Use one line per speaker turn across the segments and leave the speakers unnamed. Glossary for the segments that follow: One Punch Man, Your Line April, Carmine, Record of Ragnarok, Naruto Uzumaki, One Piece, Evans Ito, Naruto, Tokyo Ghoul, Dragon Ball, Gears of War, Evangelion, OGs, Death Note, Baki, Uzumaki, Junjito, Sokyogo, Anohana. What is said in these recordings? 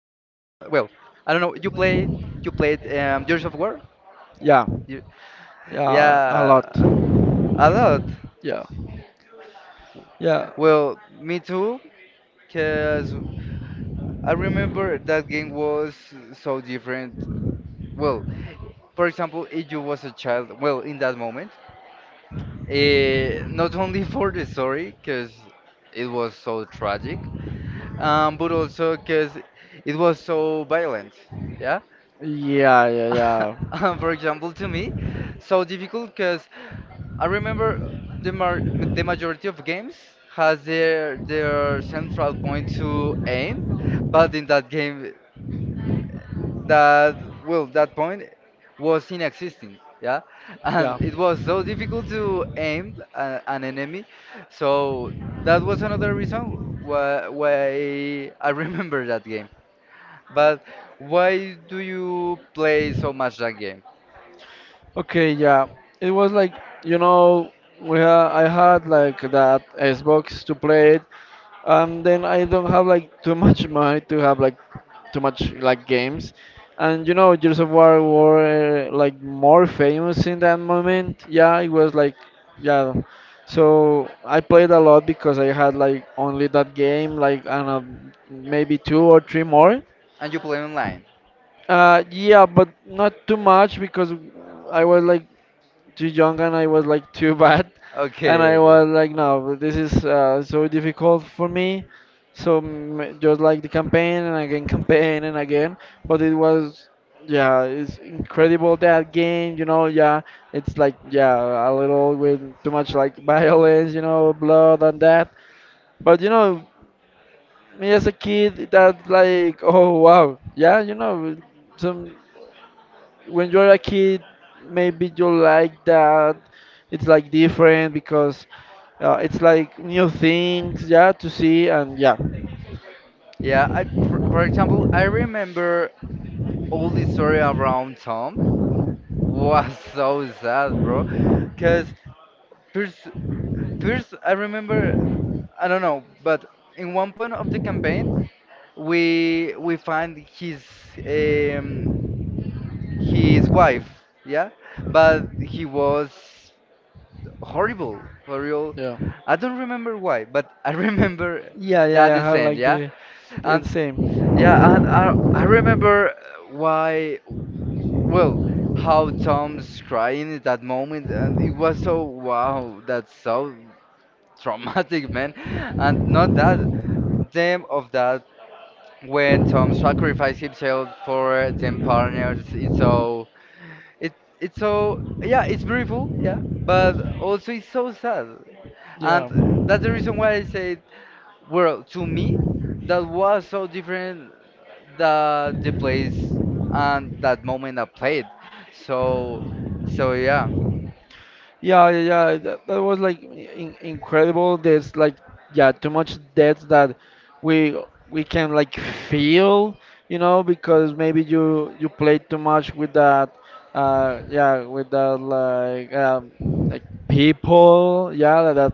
I don't know. You played Gears of War?
yeah,
You,
a lot.
yeah, a lot.
Yeah, yeah,
Well, me too, cause I remember that game was so different. Well, for example, if you was a child, well, in that moment, not only for the story, because it was so tragic, but also because it was so violent. Yeah.
yeah, yeah, yeah.
And for example, to me, so difficult because I remember the mar the majority of games has their central point to aim, but in that game that, well, that point was inexistent, yeah,
Yeah.
and it was so difficult to aim an enemy. So that was another reason why I remember that game. But why do you play so much that game?
Okay, yeah. It was like, you know, we ha I had like that Xbox to play it, and then I don't have like too much money to have like too much like games. And Gears of War were like more famous in that moment. Yeah, it was like, yeah. So I played a lot because I had like only that game, like I don't know, maybe two or three more.
And you play online?
Yeah, but not too much because I was like too young and I was like too bad, and
Okay,
I
okay.
was like, no, this is so difficult for me. So just like the campaign and again campaign and again, but it was yeah, it's incredible that game, you know. Yeah, it's like yeah, a little with too much like violence, blood and that. But me as a kid, that like oh wow, yeah, some when you're a kid, maybe you like that. It's like different because it's like new things, yeah, to see and yeah,
Yeah, for example, I remember all the story around Tom was so sad, bro. Because first, I remember, I don't know, but in one point of the campaign, we find um, his wife, yeah, but he was horrible, for real.
yeah,
I don't remember why, but I remember
yeah, yeah.
that
I have
scene,
like
yeah,
the
and
same,
yeah, and I remember why, well, how Tom's crying at that moment, and it was so wow, that's so traumatic, man. And not that, them of that when Tom sacrificed himself for them partners. It's so it it's so, yeah, it's beautiful, yeah, but also it's so sad, and
yeah.
that's the reason why I said, well, to me, that was so different that the place and that moment I played. So so yeah,
Yeah, yeah, yeah. That was like incredible. There's like yeah, too much depth that we we can like feel, because maybe you played too much with that, yeah, with that like people, yeah, like that,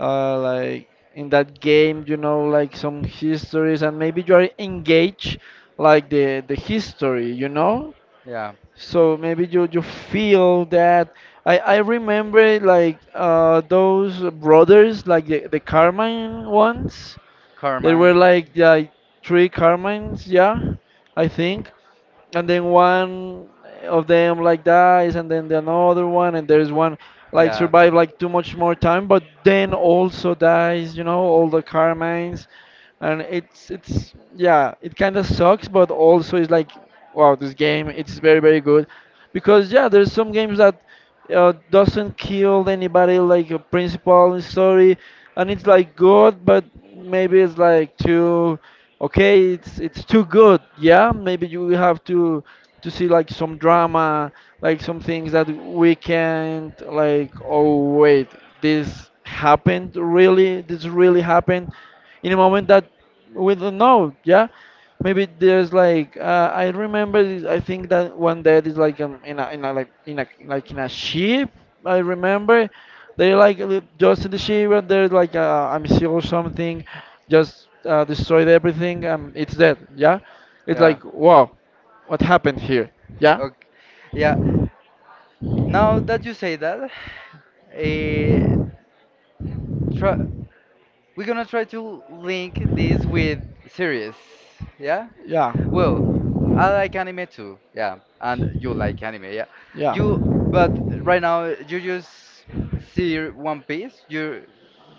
like in that game, like some histories, and maybe you are engaged like the history,
yeah,
so maybe you feel that I remember like those brothers like the Carmine ones. There were
Carmine,
like three Carmines, yeah, I think, and then one of them like dies and then the another one, and there's one like
yeah.
survive like too much more time but then also dies, you know, all the Carmines. And it's yeah, it kind of sucks, but also it's like wow, this game it's very very good, because yeah there's some games that doesn't kill anybody like a principal in story, and it's like good but maybe it's like too okay, it's too good. Yeah, maybe you will have to see like some drama, like some things that we can't like. Oh wait, this happened really. This really happened in a moment that we don't know. Yeah, maybe there's like I remember. I think that one dead is like in a like in a like in a ship. I remember. They like just in the ship, and there's like a missile or something just destroyed everything and it's dead. Yeah, it's
Yeah.
like wow, what happened here? Yeah,
Okay. Yeah. Now that you say that, eh, try. We're gonna try to link this with series, yeah?
yeah,
Well, I like anime too, yeah, and you like anime, yeah.
yeah.
You, but right now you just see One Piece.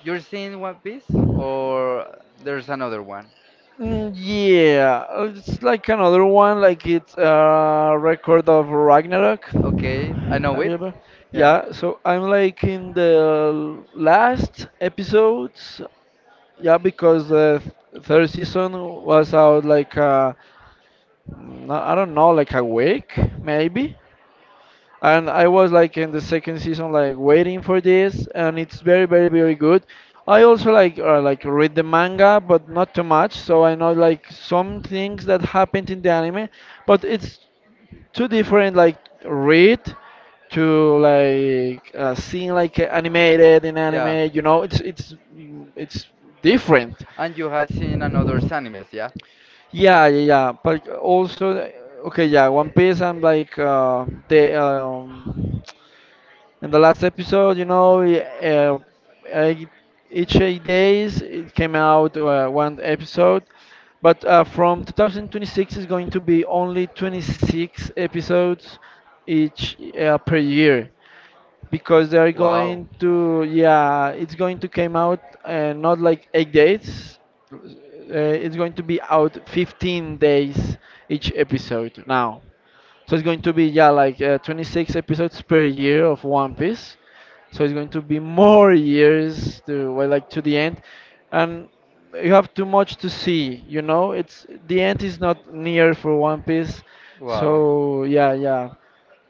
You're seeing One Piece, or there's another one?
Yeah, it's like another one, like it's a record of Ragnarok.
Okay, I know
Have you
it.
ever?
Yeah,
Yeah, so I'm like in the last episodes. Yeah, because the third season was out like I don't know, like a week maybe. And I was like in the second season like waiting for this, and it's very very very good. I also like read the manga, but not too much, so I know like some things that happened in the anime, but it's too different like read to like seeing like animated in
yeah.
anime, you know, it's different,
And you have seen another animes, yeah?
yeah, yeah, yeah, but also okay, yeah, One Piece I'm like the in the last episode, you know, we, I- each 8 days it came out one episode, but from 2026 is going to be only 26 episodes each per year, because they are
Wow,
going to, yeah, it's going to came out not like 8 days, uh, it's going to be out 15 days each episode now, so it's going to be yeah like 26 episodes per year of One Piece. So it's going to be more years to, well, like to the end, and you have too much to see. You know, it's the end is not near for One Piece.
wow.
So yeah, yeah,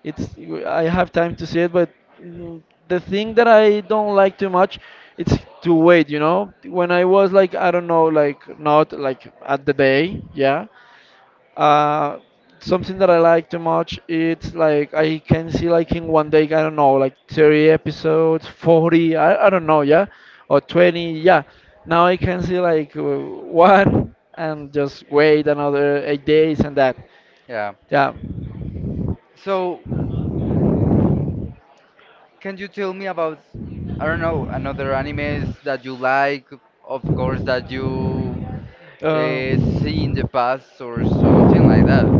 it's I have time to see it, but the thing that I don't like too much, it's to wait. You know, when I was like I don't know, like not like at the day, yeah, uh, something that I like too much, it's like I can see like in one day, I don't know, like 30 episodes, 40, I don't know, yeah, or 20, yeah. Now I can see like one and just wait another 8 days and that,
Yeah.
yeah.
So, can you tell me about, I don't know, another animes that you like, of course, that you see in the
Um,
past or something like that?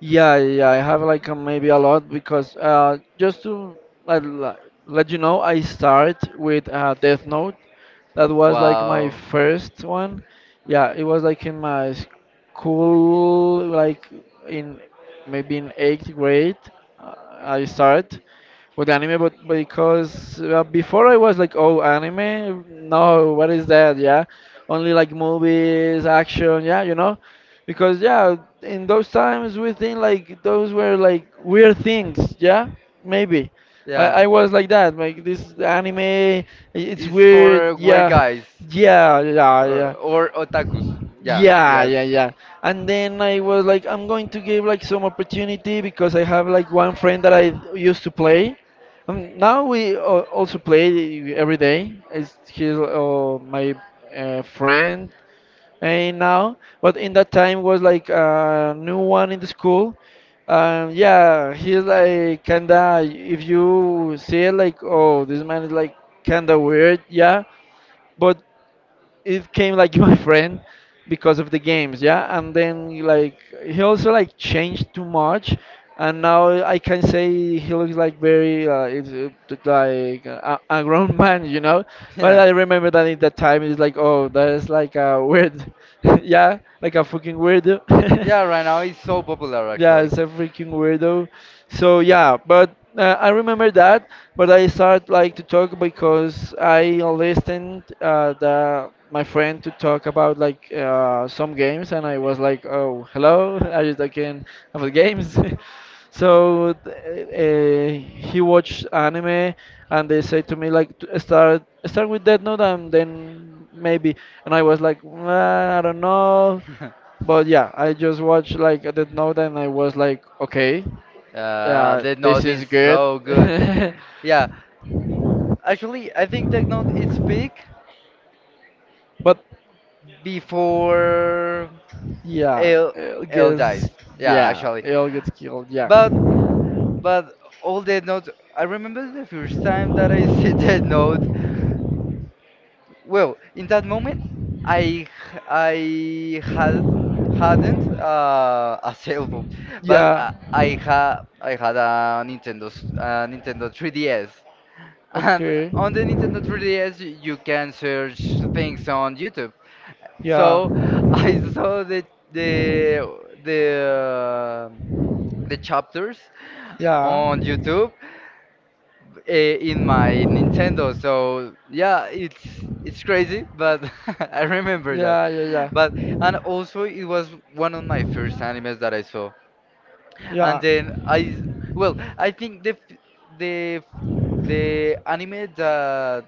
yeah, yeah, I have like maybe a lot, because just to, like, let you know, I start with Death Note. That was like my
Wow.
first one. Yeah, it was like in my school, like in, maybe in eighth grade, uh, I started with anime, but because before I was like, oh, anime? No, what is that? Yeah, only like movies, action, yeah, you know, because yeah, in those times we think like those were like weird things, yeah, maybe. I,
Yeah.
I was like that, like this anime, it's
It's for
weird,
weird
yeah,
guys
yeah, yeah, yeah.
or otakus. Yeah,
Yeah,
yes.
yeah, yeah. And then I was like, I'm going to give like some opportunity, because I have like one friend that I used to play. Now we also play every day. It's he's my friend and now, but in that time was like a new one in the school. Yeah, he's like kinda. If you see it, like, oh, this man is like kinda weird. Yeah, but it came like my friend because of the games, yeah. And then like he also like changed too much, and now I can say he looks like very like a grown man, you know. But
Yeah.
I remember that in that time it's like oh that is like a weird, yeah, like a fucking weirdo.
Yeah, right now it's so popular
Yeah,
actually.
it's a freaking weirdo. So yeah, but I remember that. But I started like to talk because I listened the my friend to talk about like some games, and I was like, oh, hello, are you talking about games? So he watched anime, and they said to me like, "Start with Death Note, and then maybe." And I was like, "Nah, I don't know." But yeah, I just watched like the note and I was like, okay,
The
this
note
is
is
good.
so good. Yeah, actually, I think that note is peak
But
before
yeah,
L
it
L
gets,
dies. Yeah,
yeah,
actually,
it all gets killed. Yeah.
but but all the notes. I remember the first time that I see that note. Well, in that moment, I h- I hadn't a cell phone, but
Yeah.
I had a a Nintendo 3DS. And
Okay.
on the Nintendo 3DS, you can search things on YouTube.
Yeah.
So I saw the the um, the chapters
Yeah.
on YouTube, in my Nintendo. So yeah, it's crazy, but I remember that.
Yeah, yeah,
But and
yeah.
also it was one of my first animes that I saw. And
Yeah.
then I well, I think the f- the anime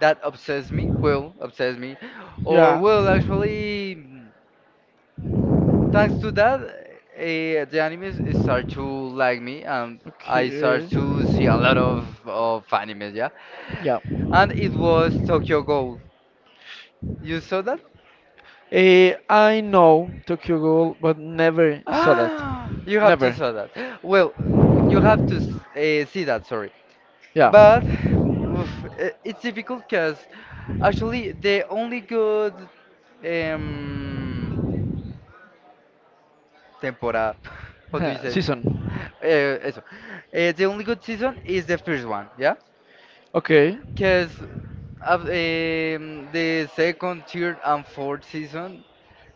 that obsess me, will obsess me, or
Yeah.
will actually, thanks to that, the animes is start to like me and I start
Okay.
to see a lot of animes, yeah.
Yeah.
And it was Tokyo Ghoul. You saw that?
I know Tokyo Ghoul, but never saw that.
Ah, you have to
Never.
saw that. Well, you have to see that, sorry.
Yeah.
But oof, it's difficult because actually the only good um, temporada. How do you say?
Season.
Eso. The only good season is the first one, yeah?
Okay.
Because the second, third, and fourth season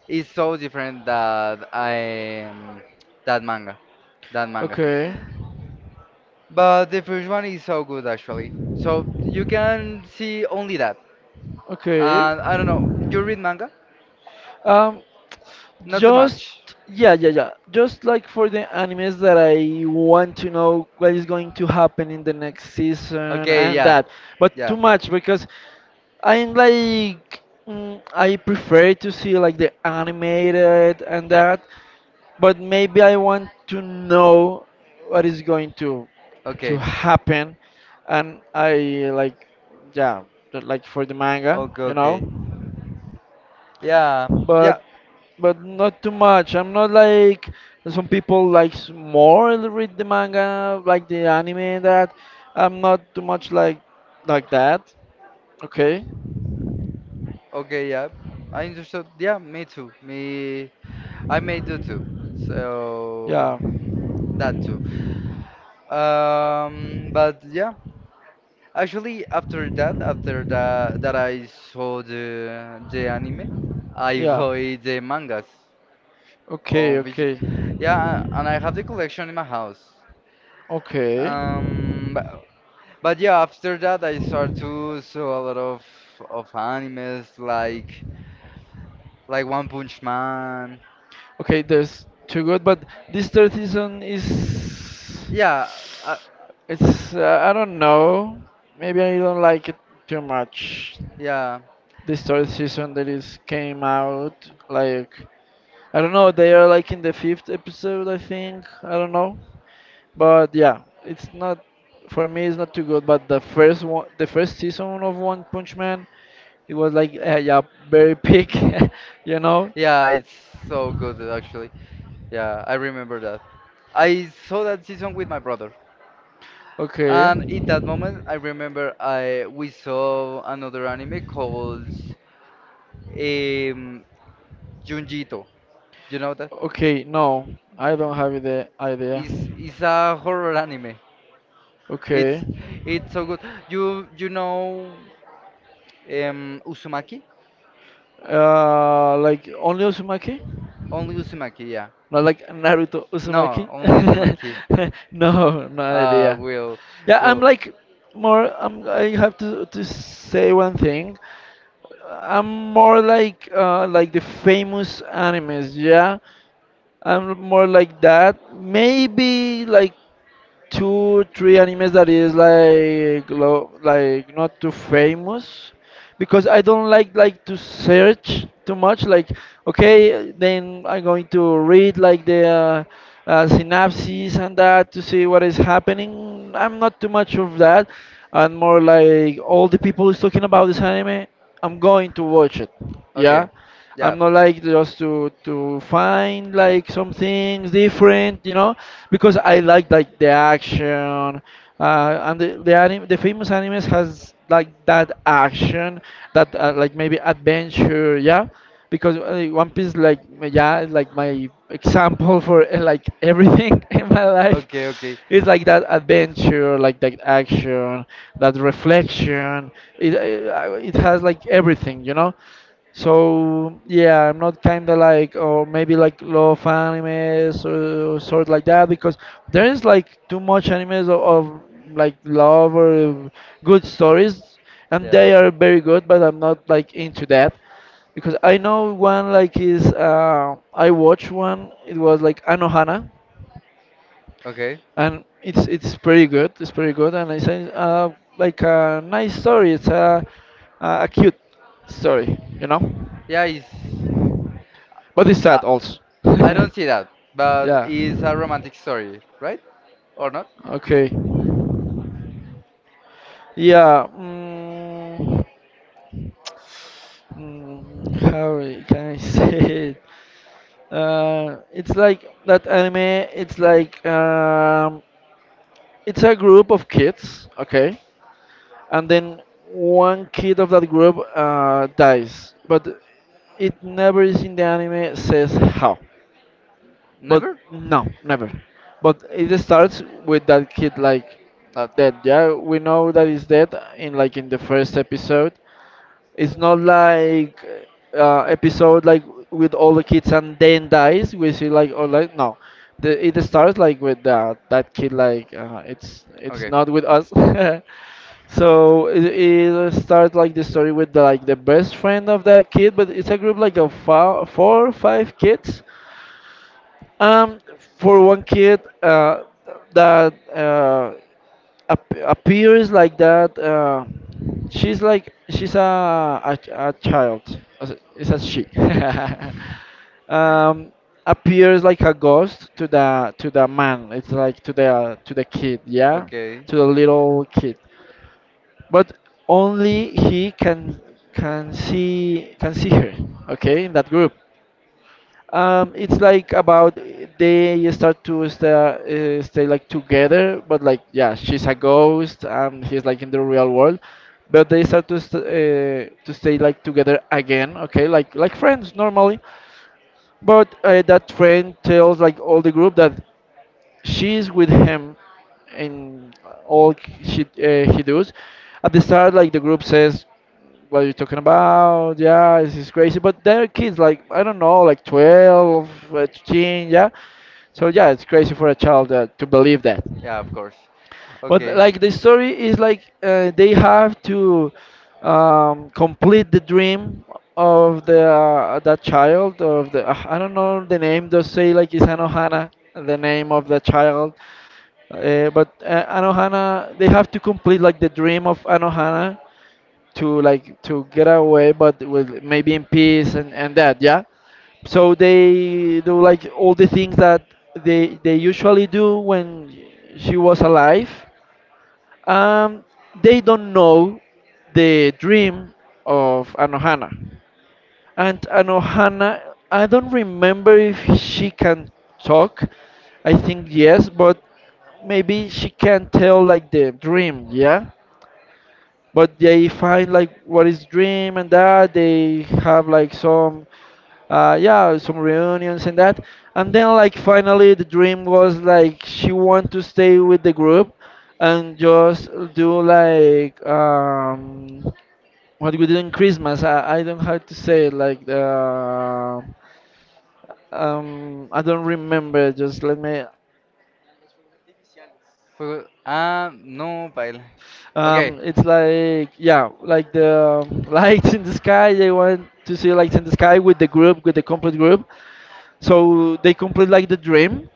is so different that, that manga, that manga.
Okay.
But the first one is so good actually. So you can see only that.
Okay.
And I don't know. You read manga?
Um,
Not too
just
much.
yeah, yeah, yeah. Just like for the animes that I want to know what is going to happen in the next season
Okay,
and
yeah,
that, but
yeah.
too much because I'm like I prefer to see like the animated and that, but maybe I want to know what is going to
Okay.
happen, and I like, yeah, like for the manga,
Okay,
you know,
okay. Yeah, yeah.
but not too much. I'm not like some people likes more to read the manga like the anime and that. I'm not too much like that. Okay.
Okay, yeah. I understood. Yeah, me too. Me, I may do too. So
Yeah.
that too. But yeah, actually, after that, that I saw the anime, I
Yeah.
bought
It.
the mangas
Okay,
on which,
okay.
yeah, and I have the collection in my house.
Okay. But
But, yeah, after that, I start to saw a lot of animes like One Punch Man.
okay, there's two good, but this third season is
Yeah, uh,
it's I don't know. Maybe I don't like it too much.
yeah,
This third season that is came out like, I don't know, they are like in the fifth episode, I think. I don't know. But yeah, it's not for me. It's not too good. But the first one, the first season of One Punch Man, it was like yeah, very peak, you know.
yeah, it's so good actually. Yeah, I remember that. I saw that season with my brother,
Okay.
and in that moment, I remember I we saw another anime called, um, Junjito. You know that?
Okay. No, I don't have the idea.
It's a horror anime.
Okay.
It's it's so good. You know, Uzumaki?
Like only Uzumaki?
Only Uzumaki, yeah.
Not like Naruto
No,
Uzumaki.
only Uzumaki.
No, no
Uh,
idea.
will
Yeah, I'm
will.
like more. I have to say one thing. I'm more like the famous animes. Yeah, I'm more like that. Maybe like two three animes that is like like not too famous, because I don't like to search too much, like okay then I'm going to read like the synopses and that to see what is happening. I'm not too much of that, and more like all the people is talking about this anime, I'm going to watch it, yeah.
Okay, yeah.
I'm not like just to find like some things different, you know, because I like the action. And the famous animes has like that action that like maybe adventure, yeah, because one piece like yeah is, like my example for like everything in my life
Okay, okay.
is like that adventure, like that action, that reflection. It has like everything, you know. So yeah, I'm not kind of like, or maybe like love animes or sort like that because there is like too much animes of like love or good stories, and
Yeah.
they are very good, but I'm not like into that because I know one like is I watched one. It was like Anohana,
Okay.
and it's pretty good. It's pretty good, and it's a, like a nice story. It's a cute story, you know.
Yeah, it's
But it's sad
I,
also.
I
Yeah.
don't see that, but it's a romantic story, right? Or not?
Okay. Yeah. Mm, how can I say it? It's like that anime. It's like it's a group of kids, okay, and then one kid of that group dies, but it never is in the anime says how. But
Never?
no, never. But it starts with that kid like dead. Yeah, we know that he's dead in like in the first episode. It's not like episode like with all the kids and then dies. We see like or like no, the, it starts like with that kid like it's
Okay.
not with us. So it starts like the story with the, like the best friend of that kid, but it's a group like of four or five kids, um, for one kid that appears like that, she's like she's a a child. It's a she. um, appears like a ghost to the man. It's like to the kid, yeah,
Okay.
to the little kid. But only he can see her. Okay, in that group. It's like about they start to stay, stay like together, but like yeah, she's a ghost and he's like in the real world, but they start to stay like together again, okay, like friends normally, but that friend tells like all the group that she is with him in all she he does. At the start, like the group says, "What are you talking about? Yeah, this is crazy." But they're kids, like I don't know, like 12, 13, yeah. So yeah, it's crazy for a child to believe that.
Yeah, of course.
But
Okay.
like the story is like they have to complete the dream of the that child of the I don't know the name. Just say like it's Anohana, the name of the child. But Anohana, they have to complete like the dream of Anohana to like to get away, but with maybe in peace and that, yeah. So they do like all the things that they usually do when she was alive and they don't know the dream of Anohana. And Anohana, I don't remember if she can talk. I think yes, but maybe she can tell like the dream, yeah? But they find like what is dream and that they have like some yeah, some reunions and that, and then like finally the dream was like she want to stay with the group and just do like what we do in Christmas. I don't know how to say it, like the I don't remember, just let me.
Ah, no, pal. Okay.
It's like yeah, like the lights in the sky. They want to see lights in the sky with the group, with the complete group. So they complete like the dream,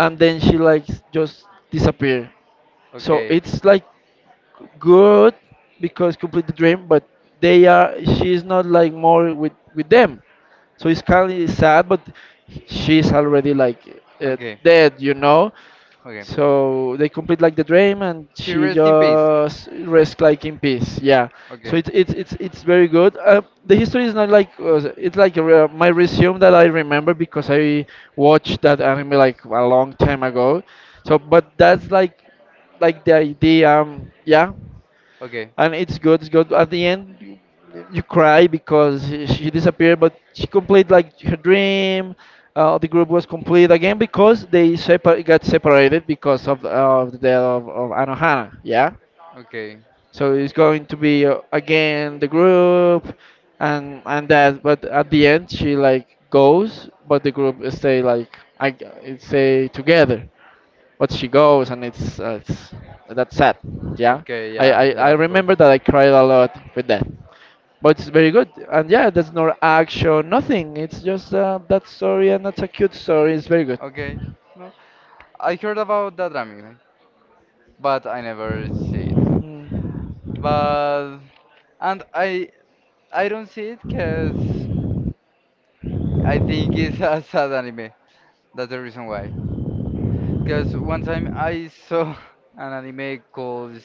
and then she like just disappear. So
Okay.
it's like good because complete the dream, but they are she's not like more with them. So it's kind of sad, but she's already like
Okay.
dead, you know.
Okay.
So they complete like the dream, and
She
she
rests in peace.
just rests like in peace. Yeah. So
Okay.
it's very good. The history is not like it's like a, my resume that I remember because I watched that anime like a long time ago. So, but that's like the idea, yeah.
Okay.
And it's good, it's good. At the end you, you cry because she disappeared but she complete like her dream. The group was complete again because they got separated because of the death of Anohana, yeah.
Okay.
So it's going to be again the group and that, but at the end she like goes, but the group stay like, I it stay together, but she goes, and it's that's sad, yeah.
Okay.
I,
Yeah.
I i
Yeah. Of course.
remember that I cried a lot with that, but it's very good. And yeah, there's no action, nothing, it's just that story, and that's a cute story. It's very good.
Okay. No. I heard about that anime, but I never see it.
Mm.
But and I don't see it because I think it's a sad anime. That's the reason why. Because one time I saw an anime called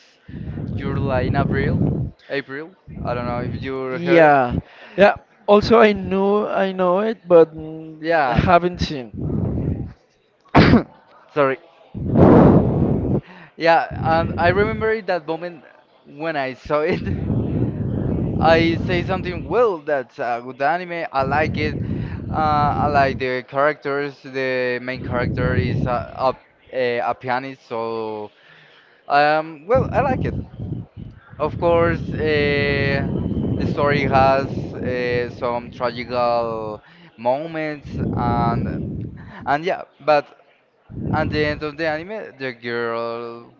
Your Line April. April. I don't know if you heard it.
Yeah, yeah, also I know it, but
Yeah.
haven't seen.
Sorry. Yeah, and I remember in that moment when I saw it. I say something, well, that's a good anime. I like it. Uh, I like the characters. The main character is a pianist, so well, I like it. Of course, the story has some tragical moments, and yeah, but at the end of the anime, the girl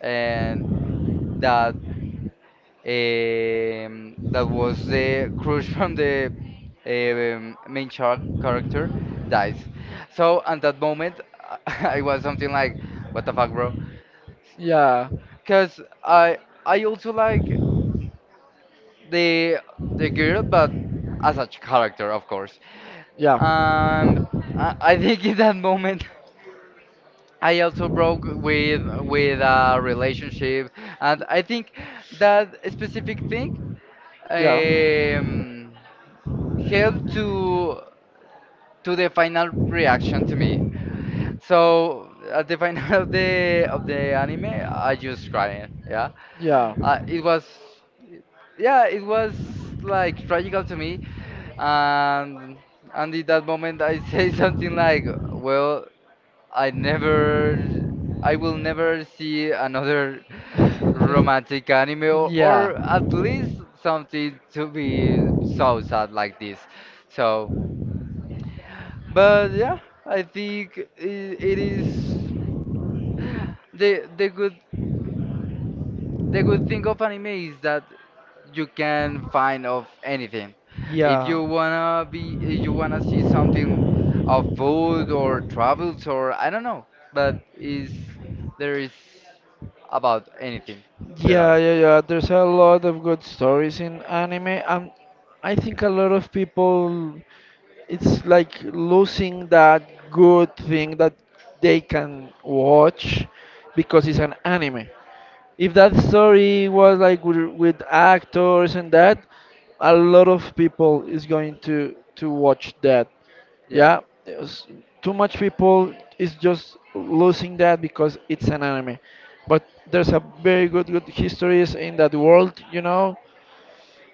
and that, that was the crush from the, character dies. So at that moment, I was something like, "What the fuck, bro?"
Yeah.
Because I also like the the girl, but as a character, of course.
Yeah.
And I think in that moment. I also broke with a relationship, and I think that specific thing,
Yeah.
um, help to the final reaction to me. So at the final of the anime, I just crying. Yeah,
Yeah.
it was, yeah, it was like tragical to me, and and in that moment I say something like, well, I never. I will never see another romantic anime
Yeah.
or at least something to be so sad like this. So but yeah, I think it is the the good the good thing of anime is that you can find of anything.
Yeah.
If you wanna see something of food or travels or, I don't know, but is there is about
It.
anything. There
Yeah,
are.
yeah, yeah. There's a lot of good stories in anime, and I think a lot of people, it's like losing that good thing that they can watch because it's an anime. If that story was like with actors and that, a lot of people is going to watch that.
Yeah,
Yeah, there's too much people is just losing that because it's an anime. But there's a very good good histories in that world, you know.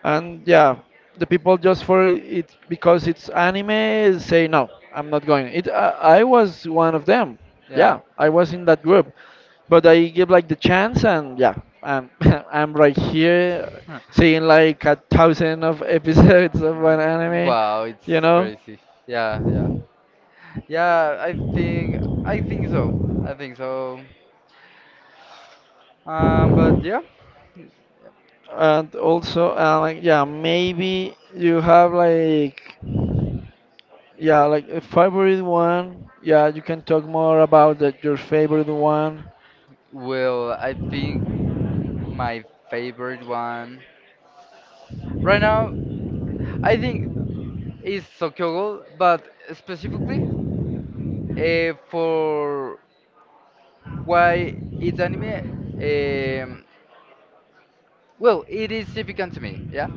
And yeah, the people just for it because it's anime say no, I'm not going it. I was one of them.
yeah.
Yeah, I was in that group, but I give like the chance, and yeah, I'm I'm right here
Huh.
seeing like a thousand of episodes of one
Mm,
anime,
wow, it's
you know.
crazy. Yeah, yeah, yeah. I think so. I think so. But yeah.
And also like yeah, maybe you have like yeah like a favorite one, yeah, you can talk more about that your favorite one.
Well, I think my favorite one right now, I think is Sokyogo, but specifically for why it's anime. Um, well, it is significant to me. Yeah,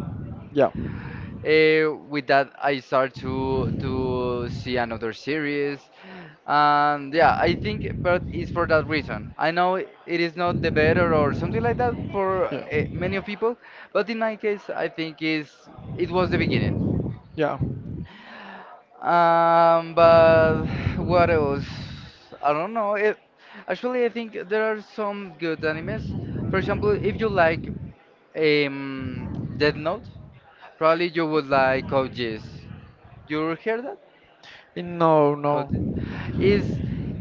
Yeah.
With that, I start to see another series, and yeah, I think, but it's for that reason. I know it is not the better or something like that for
Yeah.
many of people, but in my case, I think is it was the beginning.
Yeah.
But what else? I don't know. Actually, I think there are some good animes. For example, if you like, um, Death Note, probably you would like OGs. You heard that?
No,
Code
no.
is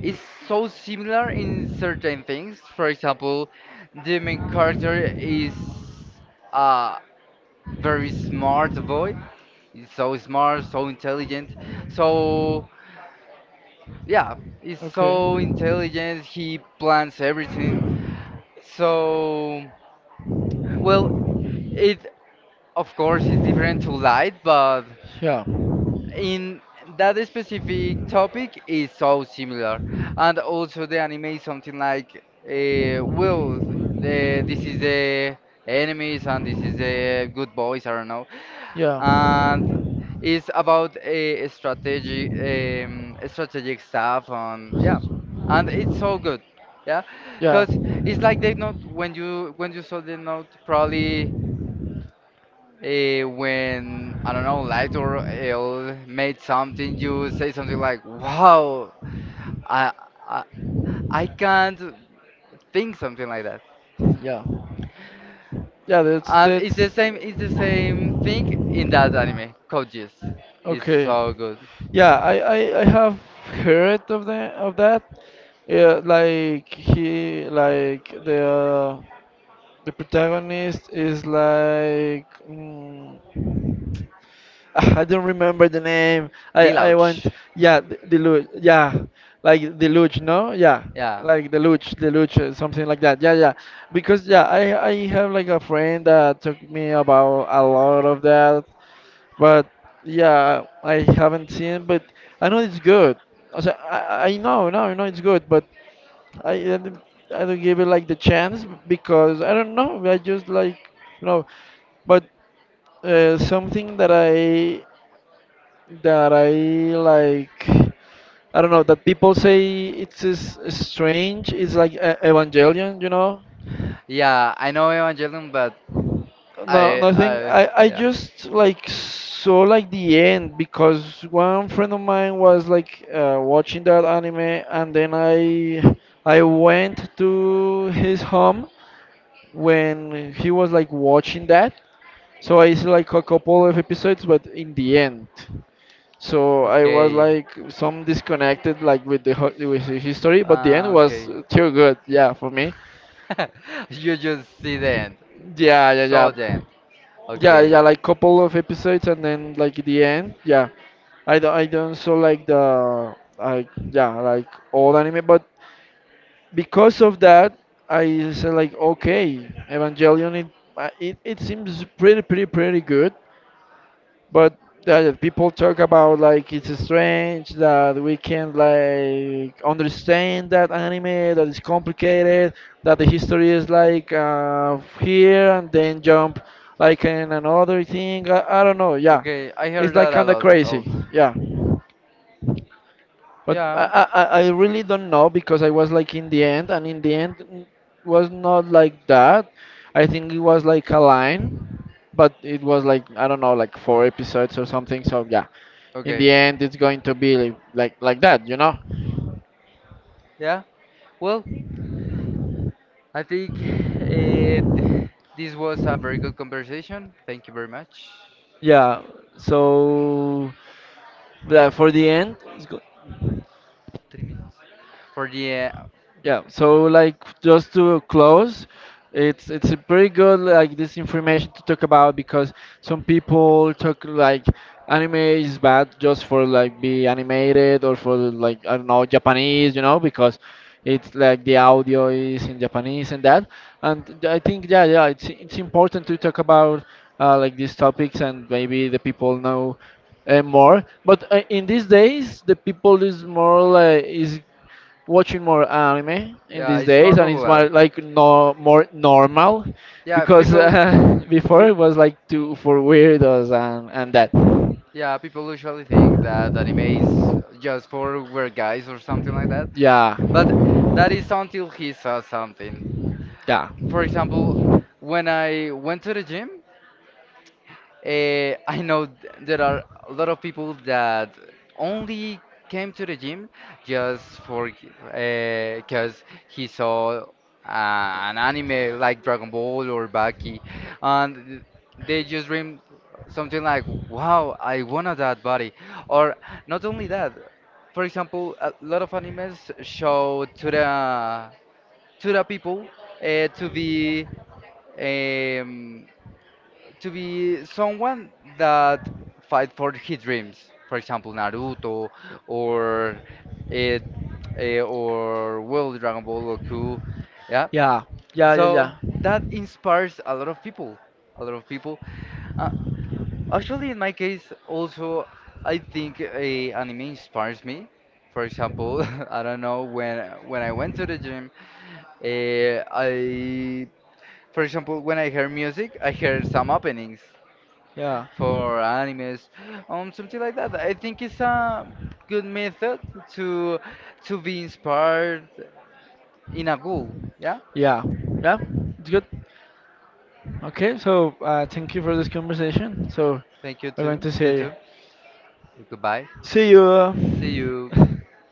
is so similar in certain things. For example, the main character is a very smart boy. He's so smart, so intelligent. So yeah, he's
Okay.
so intelligent. He plans everything. So well, it of course is different to light, but
Yeah.
in that specific topic is so similar, and also the anime is something like will the this is the enemies and this is the good boys, I don't know,
Yeah.
and it's about a strategic, strategic stuff, and yeah, and it's so good, yeah.
Yeah.
Because
Yeah,
it's like they note when you saw the note, probably when, I don't know, liked or ill made something, you say something like, "Wow, I I, I can't think something like that."
yeah, yeah.
And it's the
That's
same. It's the same thing in that anime. Coaches is
okay.
so good.
Yeah, I have heard of the of that. Yeah, like he like the protagonist is like I don't remember the name. I want.
Lilouch.
Yeah, the luge, yeah, like the luge, no, yeah,
Yeah.
like the luge, the luge, something like that, yeah, yeah. Because yeah, I have like a friend that took me about a lot of that, but yeah, I haven't seen, but I know it's good. Also, I know no, I know it's good, but I I don't I don't give it like the chance because I don't know, I just like, you know. But something that I like. I don't know, that people say it's is strange. It's like a Evangelion, you know.
Yeah, I know Evangelion, but
No, nothing. I
I,
I
yeah.
just like saw like the end because one friend of mine was like watching that anime, and then I went to his home when he was like watching that. So I see like a couple of episodes, but in the end. So I was
Okay.
like some disconnected like with the with the history, but the end
Ah,
was
okay.
too good. Yeah, for me.
You just see the end.
Yeah, yeah,
Saw the
yeah,
end.
yeah,
Okay.
yeah. Like couple of episodes and then like the end. Yeah, I don't so like the like yeah like old anime, but because of that I said like okay, Evangelion it it, it seems pretty pretty good. But people talk about like it's strange that we can like understand that anime, that is complicated, that the history is like here and then jump like in another thing. I don't know. Yeah,
Okay, I
it's
heard
like
that a
kind of
lot also.
crazy. Yeah, but I,
Yeah.
I I I really don't know because I was like in the end, and in the end was not like that. I think it was like a line, but it was like I don't know like four episodes or something. So yeah, in
Okay.
the end it's going to be like that, you know.
Yeah. Well, I think th- this was a very good conversation. Thank you very much.
Yeah, so that for the end, it's
3 minutes. For the
Yeah, so like just to close, it's a pretty good like this information to talk about because some people talk like anime is bad just for like be animated or for like I don't know Japanese, you know, because it's like the audio is in Japanese and that. And I think yeah, yeah, it's important to talk about like these topics, and maybe the people know more. But in these days, the people is more like, is watching more anime in
yeah,
these
it's more
days, and it's more
popular.
like no more normal,
Yeah,
because
people,
before
peop
it was like too for weirdos and that.
yeah, people usually think that anime is just for weird guys or something like that.
Yeah.
But
Yeah.
that is until he saw something. For example, when I went to the gym, I know there are a lot of people that only came to the gym just for because he saw an anime like Dragon Ball or Baki, and they just dream something like, "Wow, I wanted that body," or not only that. For example, a lot of animes show to the people, to be. Um, to be someone that fight for his dreams. For example, Naruto or it or, well, Dragon Ball Goku. Yeah.
Yeah. Yeah.
So
Yeah. Yeah.
that inspires a lot of people. A lot of people. Uh, Actually, in my case, also I think a anime inspires me. For example, I don't know when I went to the gym, I for example, when I hear music, I hear some openings
Yeah,
for animes, something like that. I think it's a good method to to be inspired in a goal. Yeah.
yeah, yeah. It's good. Okay, so thank you for this conversation. So
Thank you
we're going
too.
to
You
say,
too. Goodbye.
see
See
you.
you.